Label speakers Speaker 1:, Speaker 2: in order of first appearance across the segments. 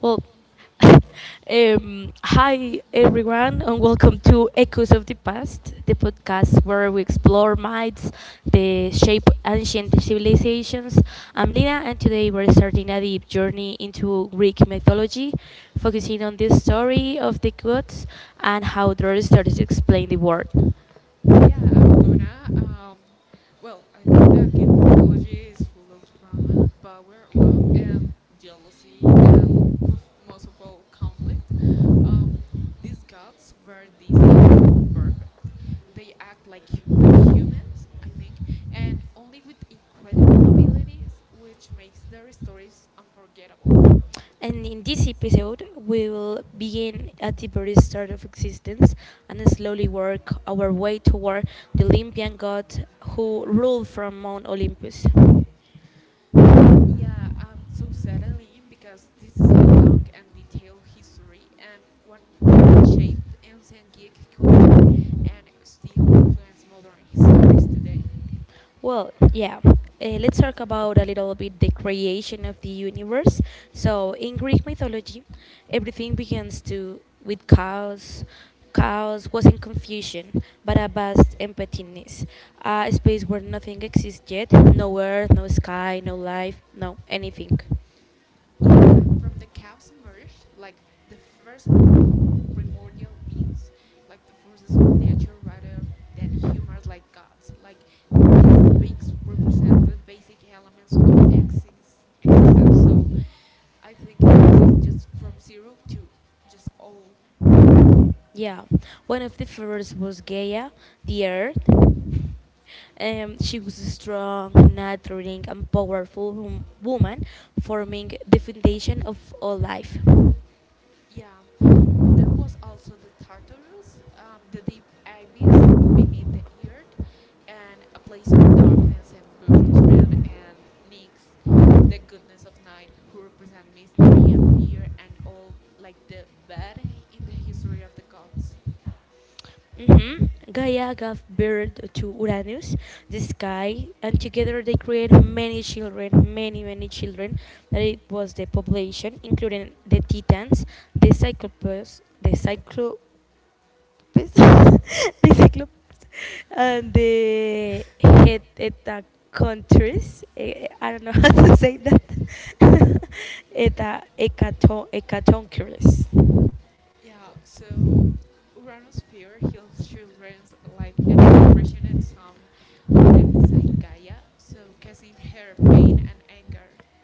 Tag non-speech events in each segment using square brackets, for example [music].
Speaker 1: Well, [laughs] Hi everyone, and welcome to Echoes of the Past, the podcast where we explore myths, the shape ancient civilizations. I'm Lina, and today we're starting a deep journey into Greek mythology, focusing on the story of the gods and how their stories explain the world.
Speaker 2: Yeah, I'm Luna. I think that Greek mythology is full of drama, power, love, and jealousy, and oof, most of all, conflict. Um, these gods were decent or perfect. They act like humans, I think, and only with incredible abilities, which makes their stories unforgettable.
Speaker 1: And in this episode, we will begin at the very start of existence and slowly work our way toward the Olympian god who ruled from Mount Olympus.
Speaker 2: Yeah, so certainly, because this is a long and detailed history, and one that shaped ancient Greek culture and still influences modern stories today.
Speaker 1: Well, yeah. Let's talk about a little bit the creation of the universe. So, in Greek mythology, everything begins to with chaos. Chaos was in confusion, but a vast emptiness, a space where nothing exists yet, no earth, no sky, no life, no anything.
Speaker 2: Yeah, and from the cows emerged like the first primordial beings, like the forces of nature rather than humans like gods. Like these beings represent the basic elements of existence. So I think this is just from zero to just all.
Speaker 1: Yeah, one of the first was Gaia, the Earth. She was a strong, nurturing, and powerful woman, forming the foundation of all life.
Speaker 2: Yeah, there was also the Tartarus, the deep abyss beneath the earth, and a place of darkness and punishment, and Nyx, the goodness of night, who represent mystery and fear, and all like the bad in the history of the gods.
Speaker 1: Mhm. Gaia gave birth to Uranus, the sky, and together they created many children, many, many children. That it was the population, including the Titans, the Cyclopes, the Cyclo [laughs] Cyclopes, the Cyclopes, and the [laughs] head eta countries. I don't know [laughs] how to say that. [laughs] Eta ecaton ecatonchires.
Speaker 2: Yeah, so Uranus fear heals children like and imprisoned some of them inside Gaia, so causing her pain and anger.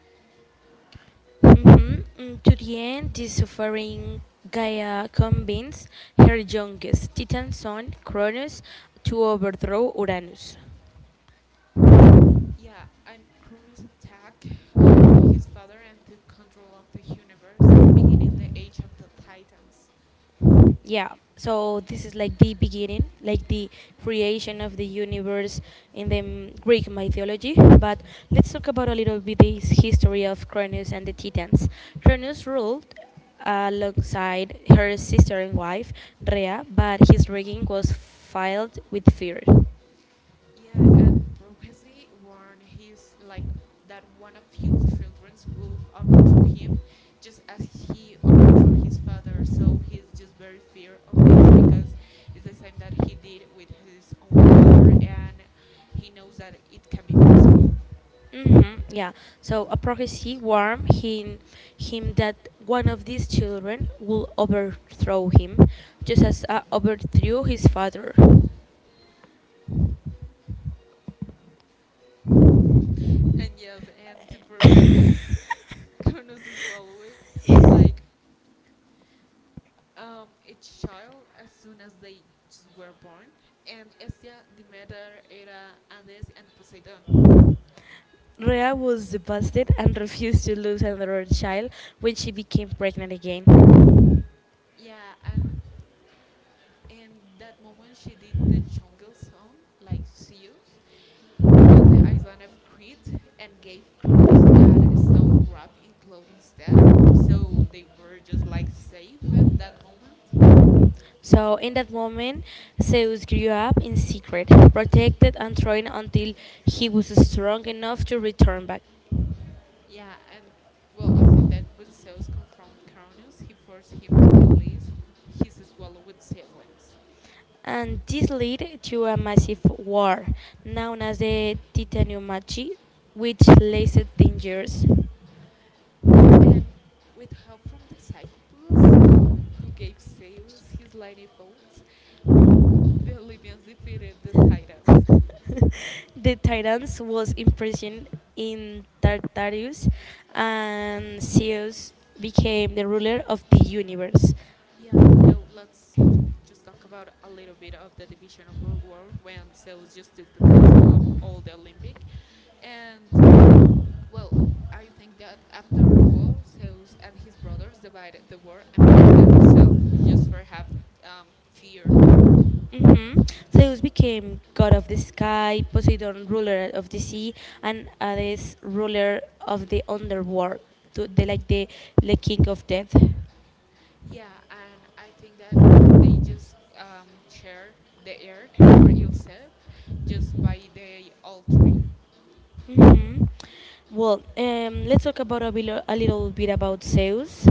Speaker 1: To the end, the suffering Gaia convinced her youngest Titan son, Cronus, to overthrow Uranus.
Speaker 2: Yeah, and Cronus attacked his father and took control of the universe, beginning the Age of the Titans.
Speaker 1: Yeah, so this is like the beginning, like the creation of the universe in the Greek mythology, but let's talk about a little bit this history of Cronus and the Titans. Cronus ruled alongside her sister and wife Rhea, but his reign was filled with fear.
Speaker 2: Yeah, and prophecy warned his like that one of his children will overthrow him, just as he overthrew his father. So he's just very fear of this because it's the same that he did with his own father, and he knows that it can be possible.
Speaker 1: Mm-hmm, yeah. So a prophecy warned him that one of these children would overthrow him, just as overthrew his father.
Speaker 2: And yes, and to prevent this, [laughs] condoms is well with like each child as soon as they just were born, and Hestia, Demeter, Hera, Hades and Poseidon.
Speaker 1: Rhea was devastated and refused to lose another child when she became pregnant again.
Speaker 2: Yeah, and in that moment she did the jungle song like Zeus on the island of Crete and gave Cronus a stone wrap in cloud instead. So they were just like safe at that moment.
Speaker 1: So, in that moment, Zeus grew up in secret, protected and trained until he was strong enough to return back.
Speaker 2: Yeah, and well, I think that when Zeus confronted Cronus, he forced him to release his swallowed siblings.
Speaker 1: And this led to a massive war, known as the Titanomachy, which lasted 10 years.
Speaker 2: And with help from the Cyclops, who gave Zeus his lightning bolts, the Libyans defeated the Titans.
Speaker 1: The Titans was imprisoned in Tartarus, and Zeus became the ruler of the universe.
Speaker 2: Yeah, no, let's just talk about a little bit of the division of the world when Zeus just took the control of all the Olympic. And well, I think that after the war, Zeus and his brothers divided the war among themselves just for have fear.
Speaker 1: Mhm. Zeus became god of the sky, Poseidon ruler of the sea, and Hades ruler of the underworld, to the, like the king of death.
Speaker 2: Yeah, and I think that they just share the earth for itself just by they all three.
Speaker 1: hmm Well, let's talk about a little bit about Zeus.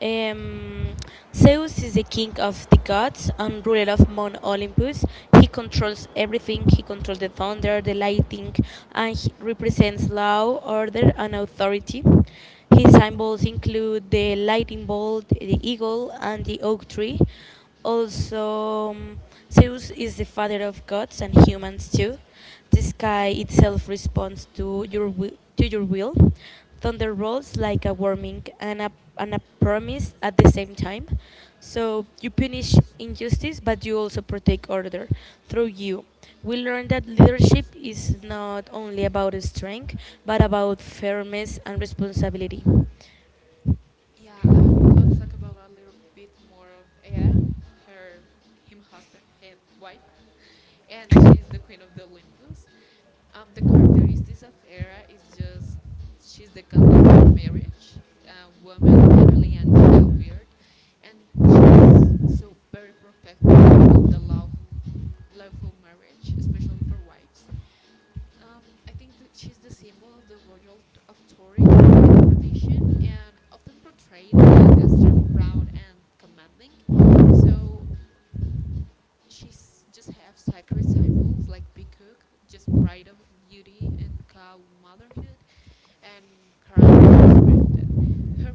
Speaker 1: Um, Zeus is the king of the gods and ruler of Mount Olympus. He controls everything. He controls the thunder, the lightning, and he represents law, order, and authority. His symbols include the lightning bolt, the eagle, and the oak tree. Also, Zeus is the father of gods and humans too. The sky itself responds to your will, to your will. Thunder rolls like a warning and a promise at the same time. So you punish injustice, but you also protect order through you. We learn that leadership is not only about strength, but about fairness and responsibility.
Speaker 2: Yeah, and let's talk about a little bit more of Hera, her, him husband, head wife, [laughs] and she's the queen of the Olympus. The characteristics of Hera is just she's the goddess of marriage, woman, family, and childbirth, and she's so very protective of the law, lawful marriage, especially for wives. I think that she's the symbol of the royal authority tradition and often portrayed Anne as stern, proud, and commanding. So she just have sacred symbols like peacock, just pride of beauty and cow motherhood, and crown.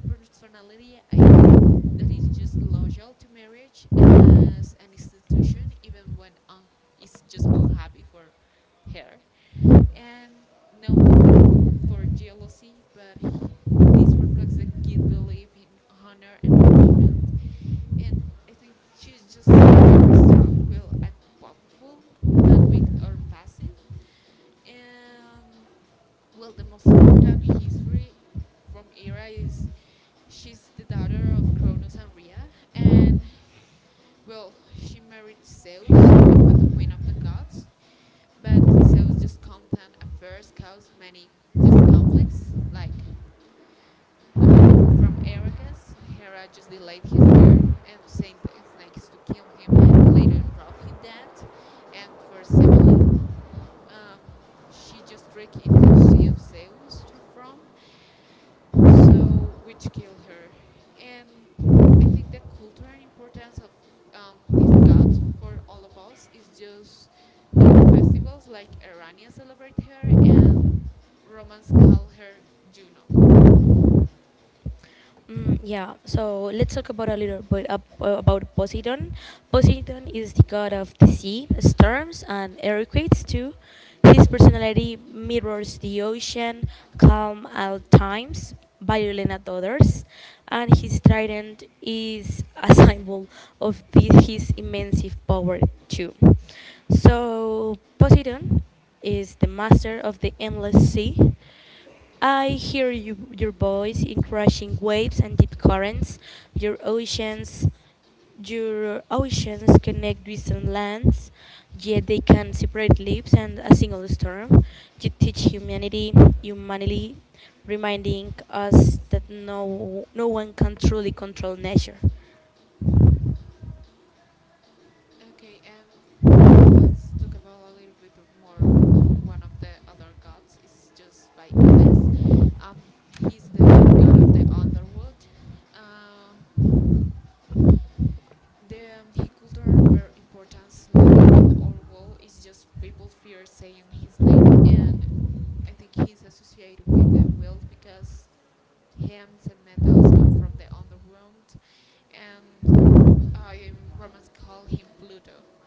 Speaker 2: Her personality, I think, that is just loyal to marriage as an institution, even when it's just unhappy for her, and no from for jealousy, but this reflects the guilt belief in honor and punishment, and I think she's just very strong, will, and powerful, not weak or passive. And well, the most important history from Era is she's the daughter of Cronus and Rhea, and well, she married Zeus and became the queen of the gods. But Zeus just content affairs caused many just conflicts things like um, from Arrakis, Hera just delayed his beard and sent snakes to kill him and later drove him dead. And for Semele, um, she just tricked into seeing Zeus through from, so which killed her. And I think the culture and importance of this god for all of us is just in the festivals, like Arania celebrate her and Romans call her Juno.
Speaker 1: Yeah, so let's talk about a little bit about Poseidon. Poseidon is the god of the sea, storms, and earthquakes too. His personality mirrors the ocean, calm at times, violent at others, and his trident is a [laughs] symbol of the, his immense power too. So Poseidon is the master of the endless sea. I hear you, your voice in crashing waves and deep currents. Your oceans, your oceans connect distant lands, yet they can separate lives and a single storm. You teach humanity, reminding us that no one can truly control nature.
Speaker 2: Okay, yeah, let's talk about a little bit of more of one of the other gods. It's just by Hades. Um, he's the god of the underworld. Uh, the his cultural importance like in our world is just people fear saying his name, and I think he's associated with the world because hymns and metals come from the underworld, and I, Romans call him Pluto.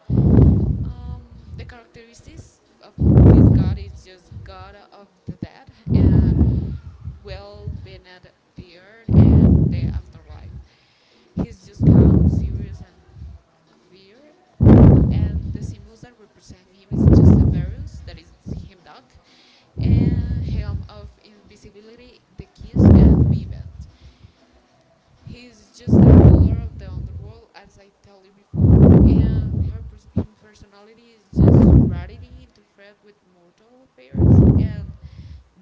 Speaker 2: The characteristics of this god is just god of the dead and well being at the earth and the afterlife. He's just calm, serious, and fear. And the symbols that represent him is just a Verus, that is him dog, and helm of invisibility, the kiss, and vivant. He is just the ruler of the underworld, as I tell you before, and her his personality is just rarity, interfered with mortal affairs, and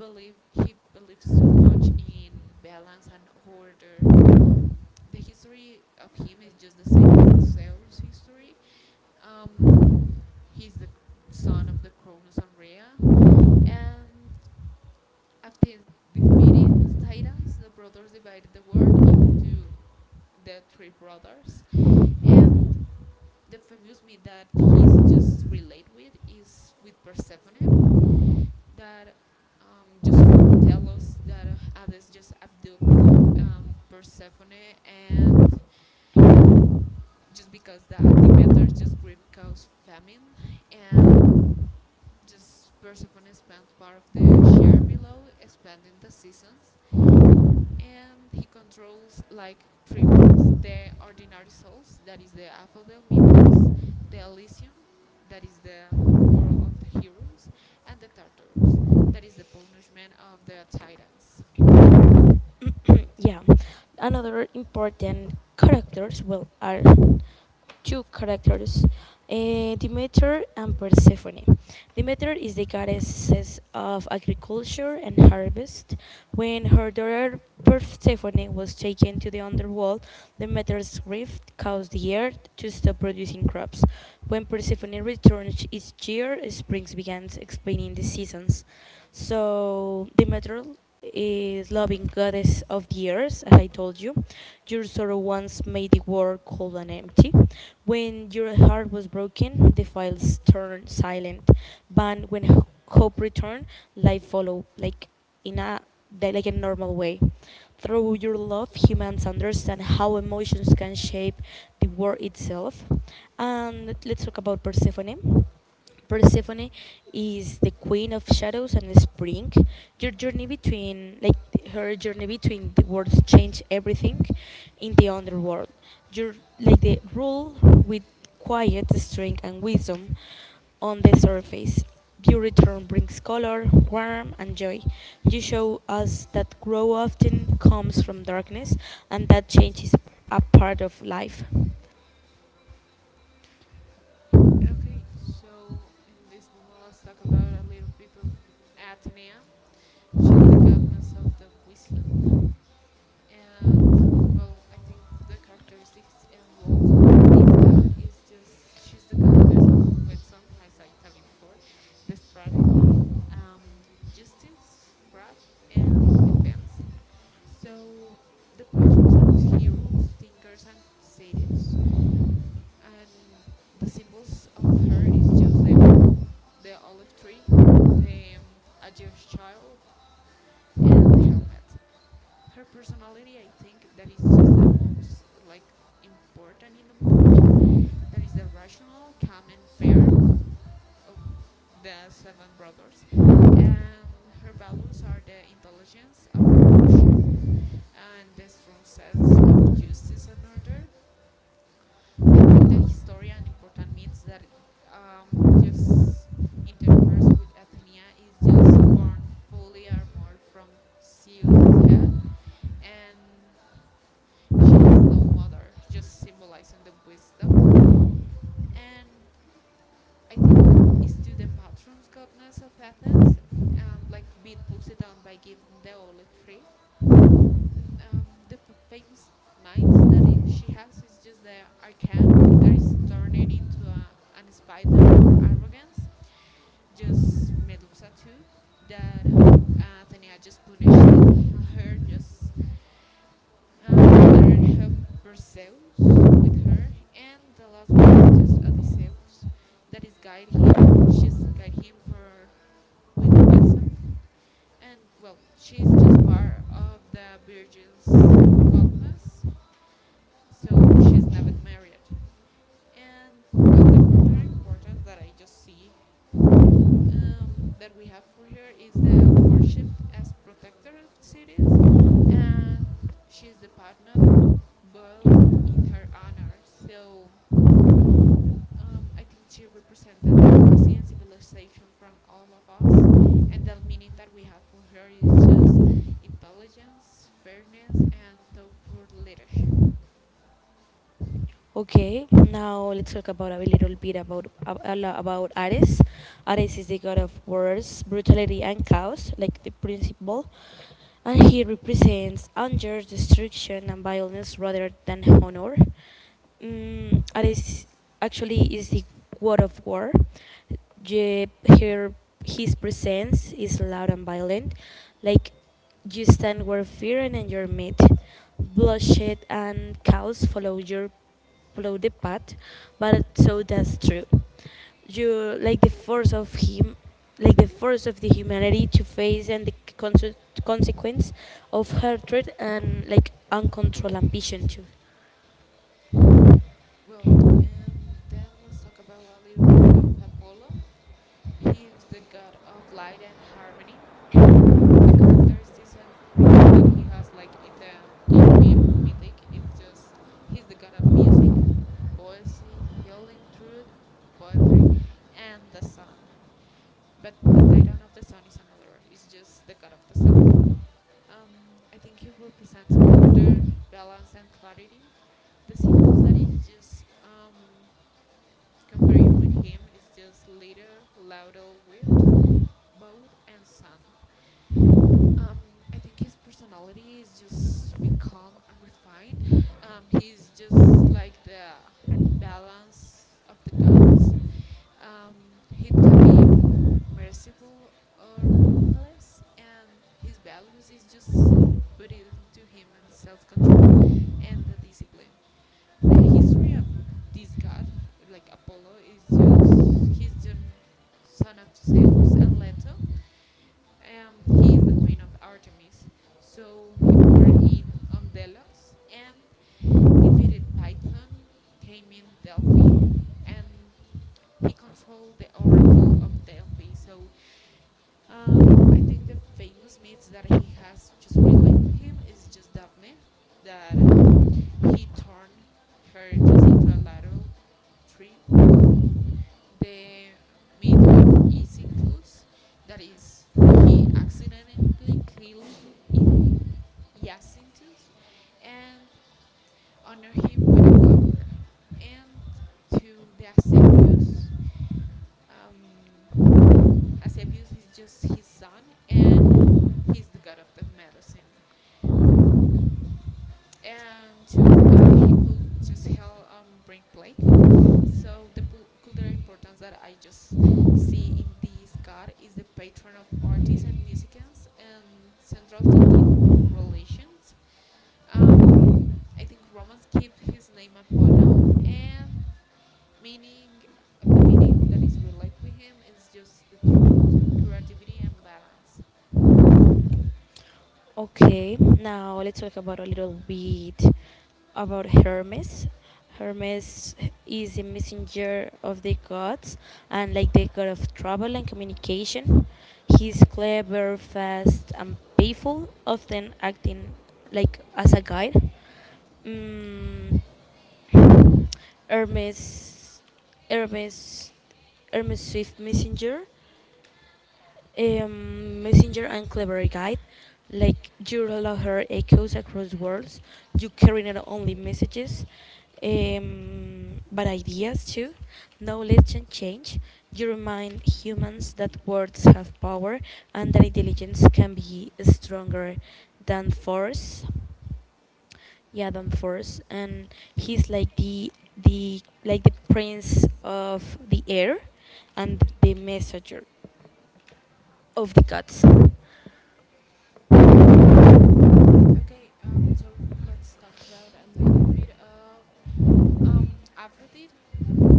Speaker 2: believe he believes so much in balance and order. The history of him is just the same as the Zeus history. Um, he's the son of the Cronus and Rhea, and after defeating the Titans, the brothers divided the world into the three brothers, and the famous myth that he's related with is with Persephone, that just tell us that Hades just abduct, Persephone, and just because that Demeter just grief caused famine, and just Persephone spent part of the year below, expanding the seasons. And he controls like three worlds, the ordinary souls that is the Aphodel Mules, the Elysium that is the world of the heroes, and the Tartarus that is the punishment of the titans.
Speaker 1: [coughs] [clears throat] Yeah, another important characters well are two characters, Demeter and Persephone. Demeter is the goddess of agriculture and harvest. When her daughter Persephone was taken to the underworld, Demeter's rift caused the earth to stop producing crops. When Persephone returned each year, springs began explaining the seasons. So Demeter is loving goddess of the earth, as I told you. Your sorrow once made the world cold and empty. When your heart was broken, the files turned silent. But hope returned, life followed like in a like a normal way. Through your love, humans understand how emotions can shape the world itself. And let's talk about Persephone. Persephone is the queen of shadows and spring. Your journey between, like her journey between the worlds, change everything in the underworld. Your like the rule with quiet strength and wisdom on the surface. Your return brings color, warmth, and joy. You show us that growth often comes from darkness, and that change is a part of life.
Speaker 2: Okay, so in this moment, let's talk about a little bit of Atenea. She's the goddess of the wisdom, and well, I think the characteristics and roles of God is just she's the goddess of wisdom, as I tell you before, the strategy, um, justice, craft, and defense. So the patrons of heroes, thinkers, and cities, and the symbols of her is just the owl, the olive tree, the Aegir's child, and the helmet. Her personality, I think, that is just the most like important in the mythology, that is the rational, calm, and fair of the seven brothers. And her values are the intelligence of her mother and the strong sense of justice and order. I think the historian important myths that just interferes with Athena is just born fully armored from Zeus' head, and she has no mother, just symbolizing the wisdom. And I think to the patron goddess of Athens, like beat Poseidon by giving the olive tree. The famous mites that she has is just the arcan that is turning into a, an spider for arrogance. Just Medusa too, that Atenea just punished the, her just letter help Perseus with her, and the last one is just Odysseus, that is guide him. She's guide him for with wisdom, and well, she's just part of the virgins, so she's never married. And well, the cultural importance that I just see um, that we have for her is the worshipped as protector of cities, and she's the partner built in her honor. So I think she represents the democracy and civilization from all of us, and the meaning that we have for her is just intelligence, fairness, and thoughtful leadership.
Speaker 1: Okay, now let's talk about a little bit about ab- a lo- about Ares. Ares is the god of wars, brutality, and chaos, like the principal, and he represents anger, destruction, and violence rather than honor. That is actually is the word of war. Je, her, his presence is loud and violent, like you stand where fear and your meat. Bloodshed and chaos follow the path, but so that's true. You like the force of him, like the force of the humanity to face and the consequence of hatred and like uncontrolled ambition too.
Speaker 2: Well, and then let's talk about a little bit of Apollo. He is the god of light and harmony. The characteristics and roles that he has like in the kid mythic is just he's the god of music, poesy, healing, truth, poetry, and the sun, but the titan of the sun is another, it's just the god of the south. I think he represents order, balance, and clarity. The symbols that is just compared with him is just leader, laudal, wit, boat, and sun. um, I think his personality is just be calm and refined. He's just like the balance of the gods. Um, he can be merciful or ruthless, and his values is just put into him in self-control and the discipline. The history of this god, like Apollo, is just he's the son of Zeus and Leto. He is the twin of Artemis, so he born in on Delos, and defeated Python, came in Delphi, and he controlled the Oracle of Delphi. So um, I think the famous myths that he has just relate with him is just Daphne, that he turned her just into a lateral tree. The myth of Isinclus, that is, he accidentally killed it Jacinthus and honor him with a flower. And to the Asclepius, um, Asclepius is just his son, and he's the god of the medicine. And two, he could just help bring Blake. So the cultural importance that I just see in this god is the patron of artists and musicians and central to good relations. Um, I think Romans keep his name Apollo and meaning the meaning that is related with him is just the truth, creativity, and balance.
Speaker 1: Okay, now let's talk about a little bit about Hermes. Hermes is a messenger of the gods and like the god of travel and communication. He's clever, fast, and playful, often acting like as a guide. Mm, Hermes, Hermes, Hermes Swift messenger, messenger and clever guide. Like your her echoes across worlds. You carry not only messages, but ideas too. Knowledge and change. You remind humans that words have power and that intelligence can be stronger than force. Yeah, than force. And he's like the like the prince of the air and the messenger of the cats.
Speaker 2: Okay, so let's talk about a little bit of um, Aphrodite.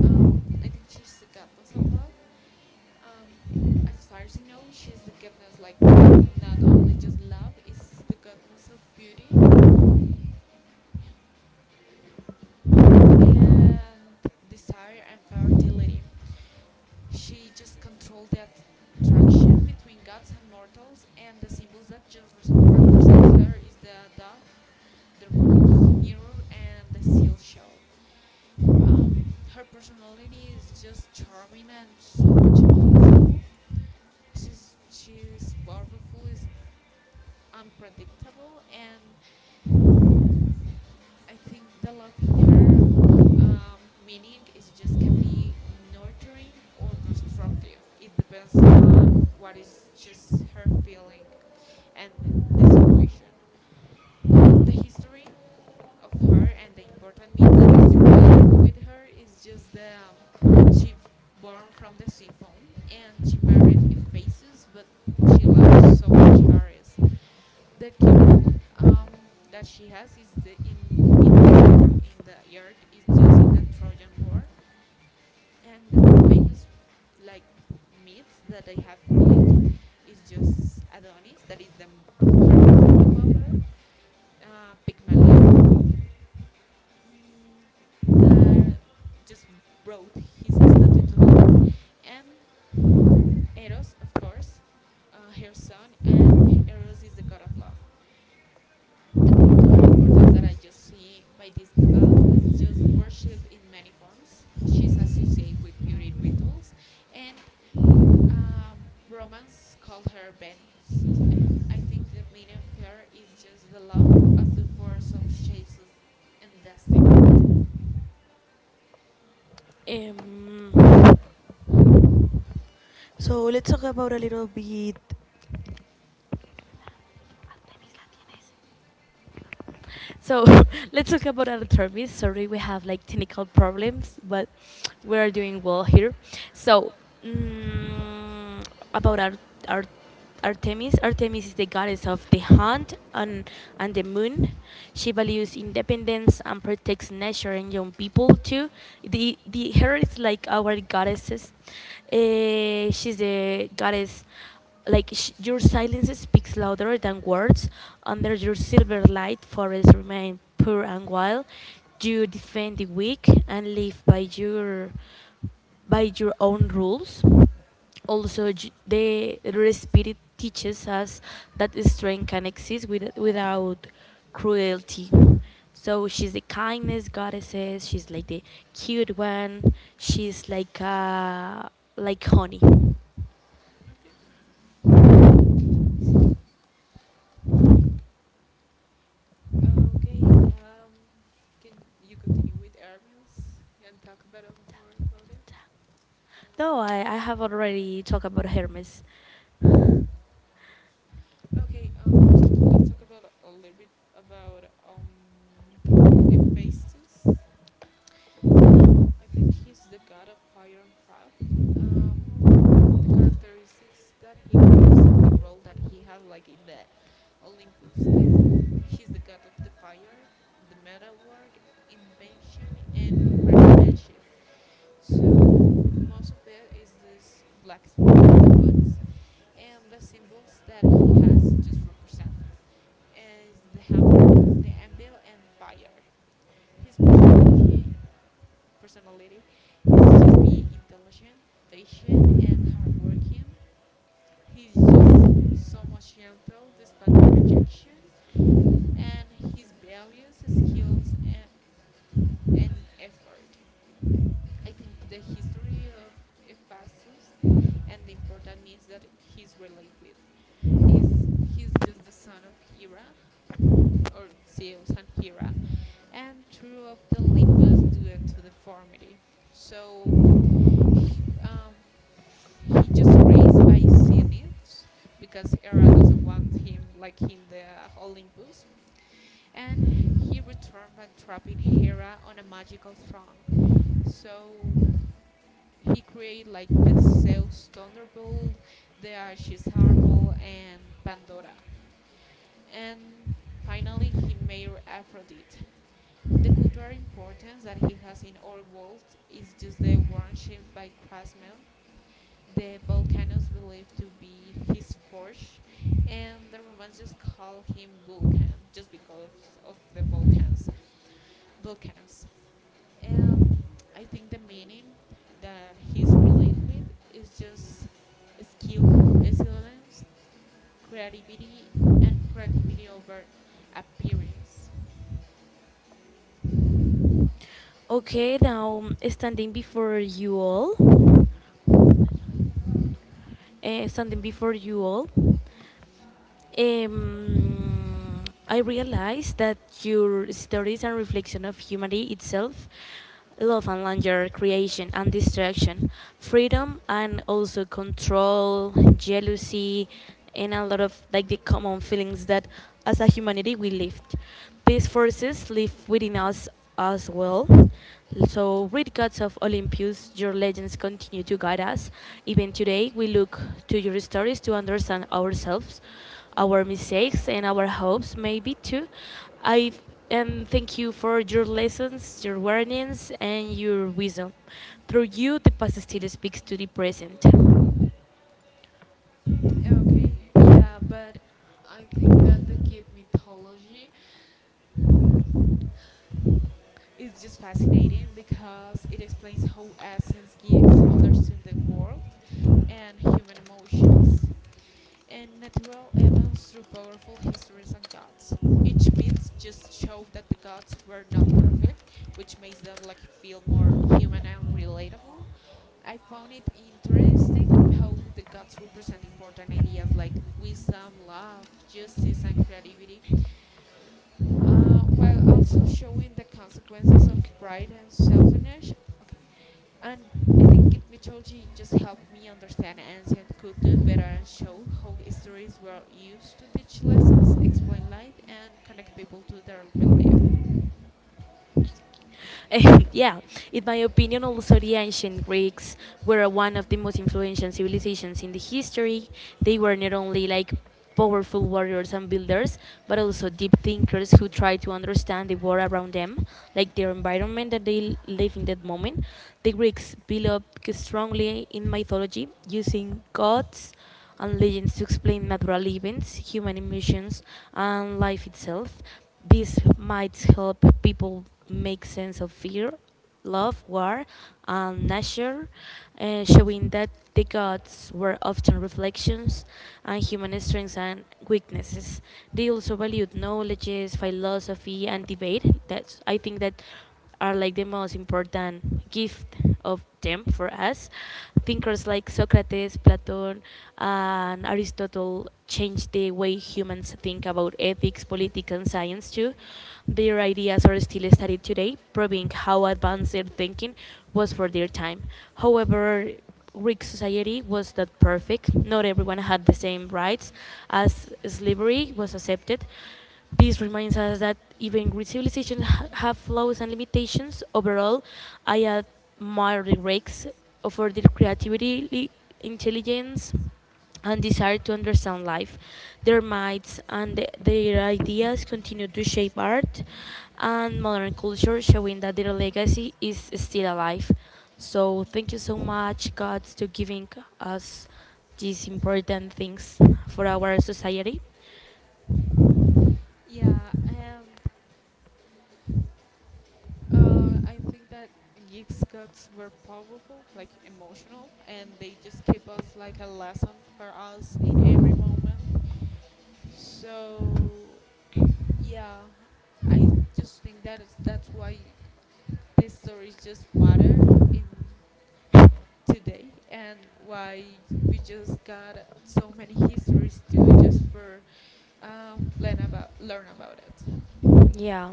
Speaker 2: Um, I think she's the goddess of love. Um, as far as I know, she's the goddess, like, not only just love, is the goddess of beauty. Yeah, and desire and fertility. She just controlled the attraction between gods and mortals, and the symbols that just represents her is the dove, the rose, mirror, and the seal shell. Um, her personality is just charming and so much emotional. She's powerful, is unpredictable, and I think the love in her meaning is just can be nurturing or destructive. It depends on what is just her feeling and the situation. The history of her and the important myths that is relate with her is just the she born from the sea foam and she married Ephasus, but she loves so much Harris. The key role that she has is the, in this in the yard is just in the Trojan War, and the famous like myths that I have related is just Adonis, that is her mortal lover, Pygmalion, mm, that just brought his statue to life, and Eros, of course, her son, and Eros is the god of love. The cultural importance that I just see by this god is just worship in many forms. She's associated with beauty rituals, and um, Romans called her Venus, and I think the meaning of her is just the love as the force of shapes us and destiny.
Speaker 1: Um, so let's talk about a little bit So [laughs]
Speaker 2: [laughs]
Speaker 1: Let's talk about our therapist. Sorry, we have like technical problems, but we are doing well here. So mm, about our Artemis. Artemis is the goddess of the hunt and the moon. She values independence and protects nature and young people too. The Her is like our goddesses. She's the goddess like your silence speaks louder than words. Under your silver light, forests remain pure and wild. You defend the weak and live by your own rules. Also, j- the spirit teaches us that strength can exist with, without cruelty. So she's the kindness goddesses. She's like the cute one. She's like honey.
Speaker 2: Okay. Let me see. Okay, can you continue with air and talk about it more about it?
Speaker 1: No, I have already talked about Hermes.
Speaker 2: Okay, so let's talk about a little bit about Hephaestus. Um, think he's the god of fire and craft. Um, the characteristics that he has and the role that he has, like in the Olympus, is he's the god of the fire, the metalwork, invention, and craftsmanship. So most of that is this blacksmith of the, and the symbols that he has represent is the hammer, the anvil, and fire. His personality is just intelligent, patient, and hardworking. He's just so much gentle despite rejection, and his values, skills, and effort. I think the history of Ephesus and the important means that he's related with is he's just the son of Hera, or Zeus and Hera, and two of the Olympus due to deformity. So he, um, he just raised by Zenith because Hera doesn't want him like in the Olympus. And he returned by trapping Hera on a magical throne. So he created like the Zeus Thunderbolt, the Arches Harmel, and Pandora. And finally, he made Aphrodite. The cultural importance that he has in our world is just the worship by craftsmen, the Volcanoes believed to be his forge, and the Romans just call him Vulcan just because of the Vulcans. Volcanoes. And I think the meaning that he's related with is just skill, resilience, creativity, and creativity over appearance.
Speaker 1: Okay, now standing before you all, um, I realized that your stories and reflection of humanity itself, love and laughter, creation and distraction, freedom and also control, jealousy, and a lot of like the common feelings that as a humanity we lived. These forces live within us as well. So, great gods of Olympus, your legends continue to guide us. Even today, we look to your stories to understand ourselves, our mistakes, and our hopes, maybe too. I and thank you for your lessons, your warnings, and your wisdom. Through you, the past still speaks to the present.
Speaker 2: Okay, yeah, but I think that the kid mythology it's just fascinating because it explains how Asians geeks understand the world and human emotions and natural events through powerful histories and gods. Each myth just showed that the gods were not perfect, which makes them like feel more human and relatable. I found it interesting how the gods represent important ideas like wisdom, love, justice, and creativity while also showing the consequences of pride and selfishness. Okay, and I think Git mythology just helped me understand ancient culture better and show how stories were used to teach lessons, explain life, and connect people to their belief.
Speaker 1: [laughs] Yeah, in my opinion, also the ancient Greeks were one of the most influential civilizations in the history. They were not only like powerful warriors and builders, but also deep thinkers who tried to understand the world around them, like their environment that they live in that moment. The Greeks built up strongly in mythology, using gods and legends to explain natural events, human emotions, and life itself. This might help people make sense of fear, love, war, and nature, showing that the gods were often reflections and human strengths and weaknesses. They also valued knowledges, philosophy, and debate. That's I think that are like the most important gift of them for us. Thinkers like Socrates, Plato, and Aristotle changed the way humans think about ethics, politics, and science too. Their ideas are still studied today, proving how advanced their thinking was for their time. However, Greek society was not perfect. Not everyone had the same rights as slavery was accepted. This reminds us that even great civilizations have flaws and limitations. Overall, I admire the Greeks for their creativity, intelligence, and desire to understand life. Their minds and their ideas continue to shape art and modern culture, showing that their legacy is still alive. So, thank you so much, God, to giving us these important things for our society.
Speaker 2: Yeah, and. I think that Geek's guts were powerful, like emotional, and they just keep us like a lesson for us in every moment. So yeah, I just think that is that's why these stories just matter in today and why we just got so many histories too, just for learn about it.
Speaker 1: Yeah,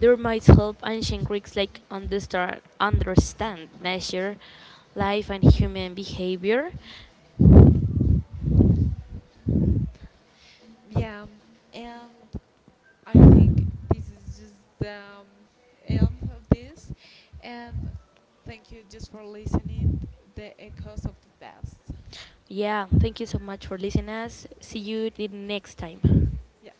Speaker 1: there might help ancient Greeks like understand nature, life, and human behavior.
Speaker 2: Yeah, and I think this is just the end of this. And thank you just for listening. The echoes of the past.
Speaker 1: Yeah, thank you so much for listening us. See you the next time.
Speaker 2: Yeah.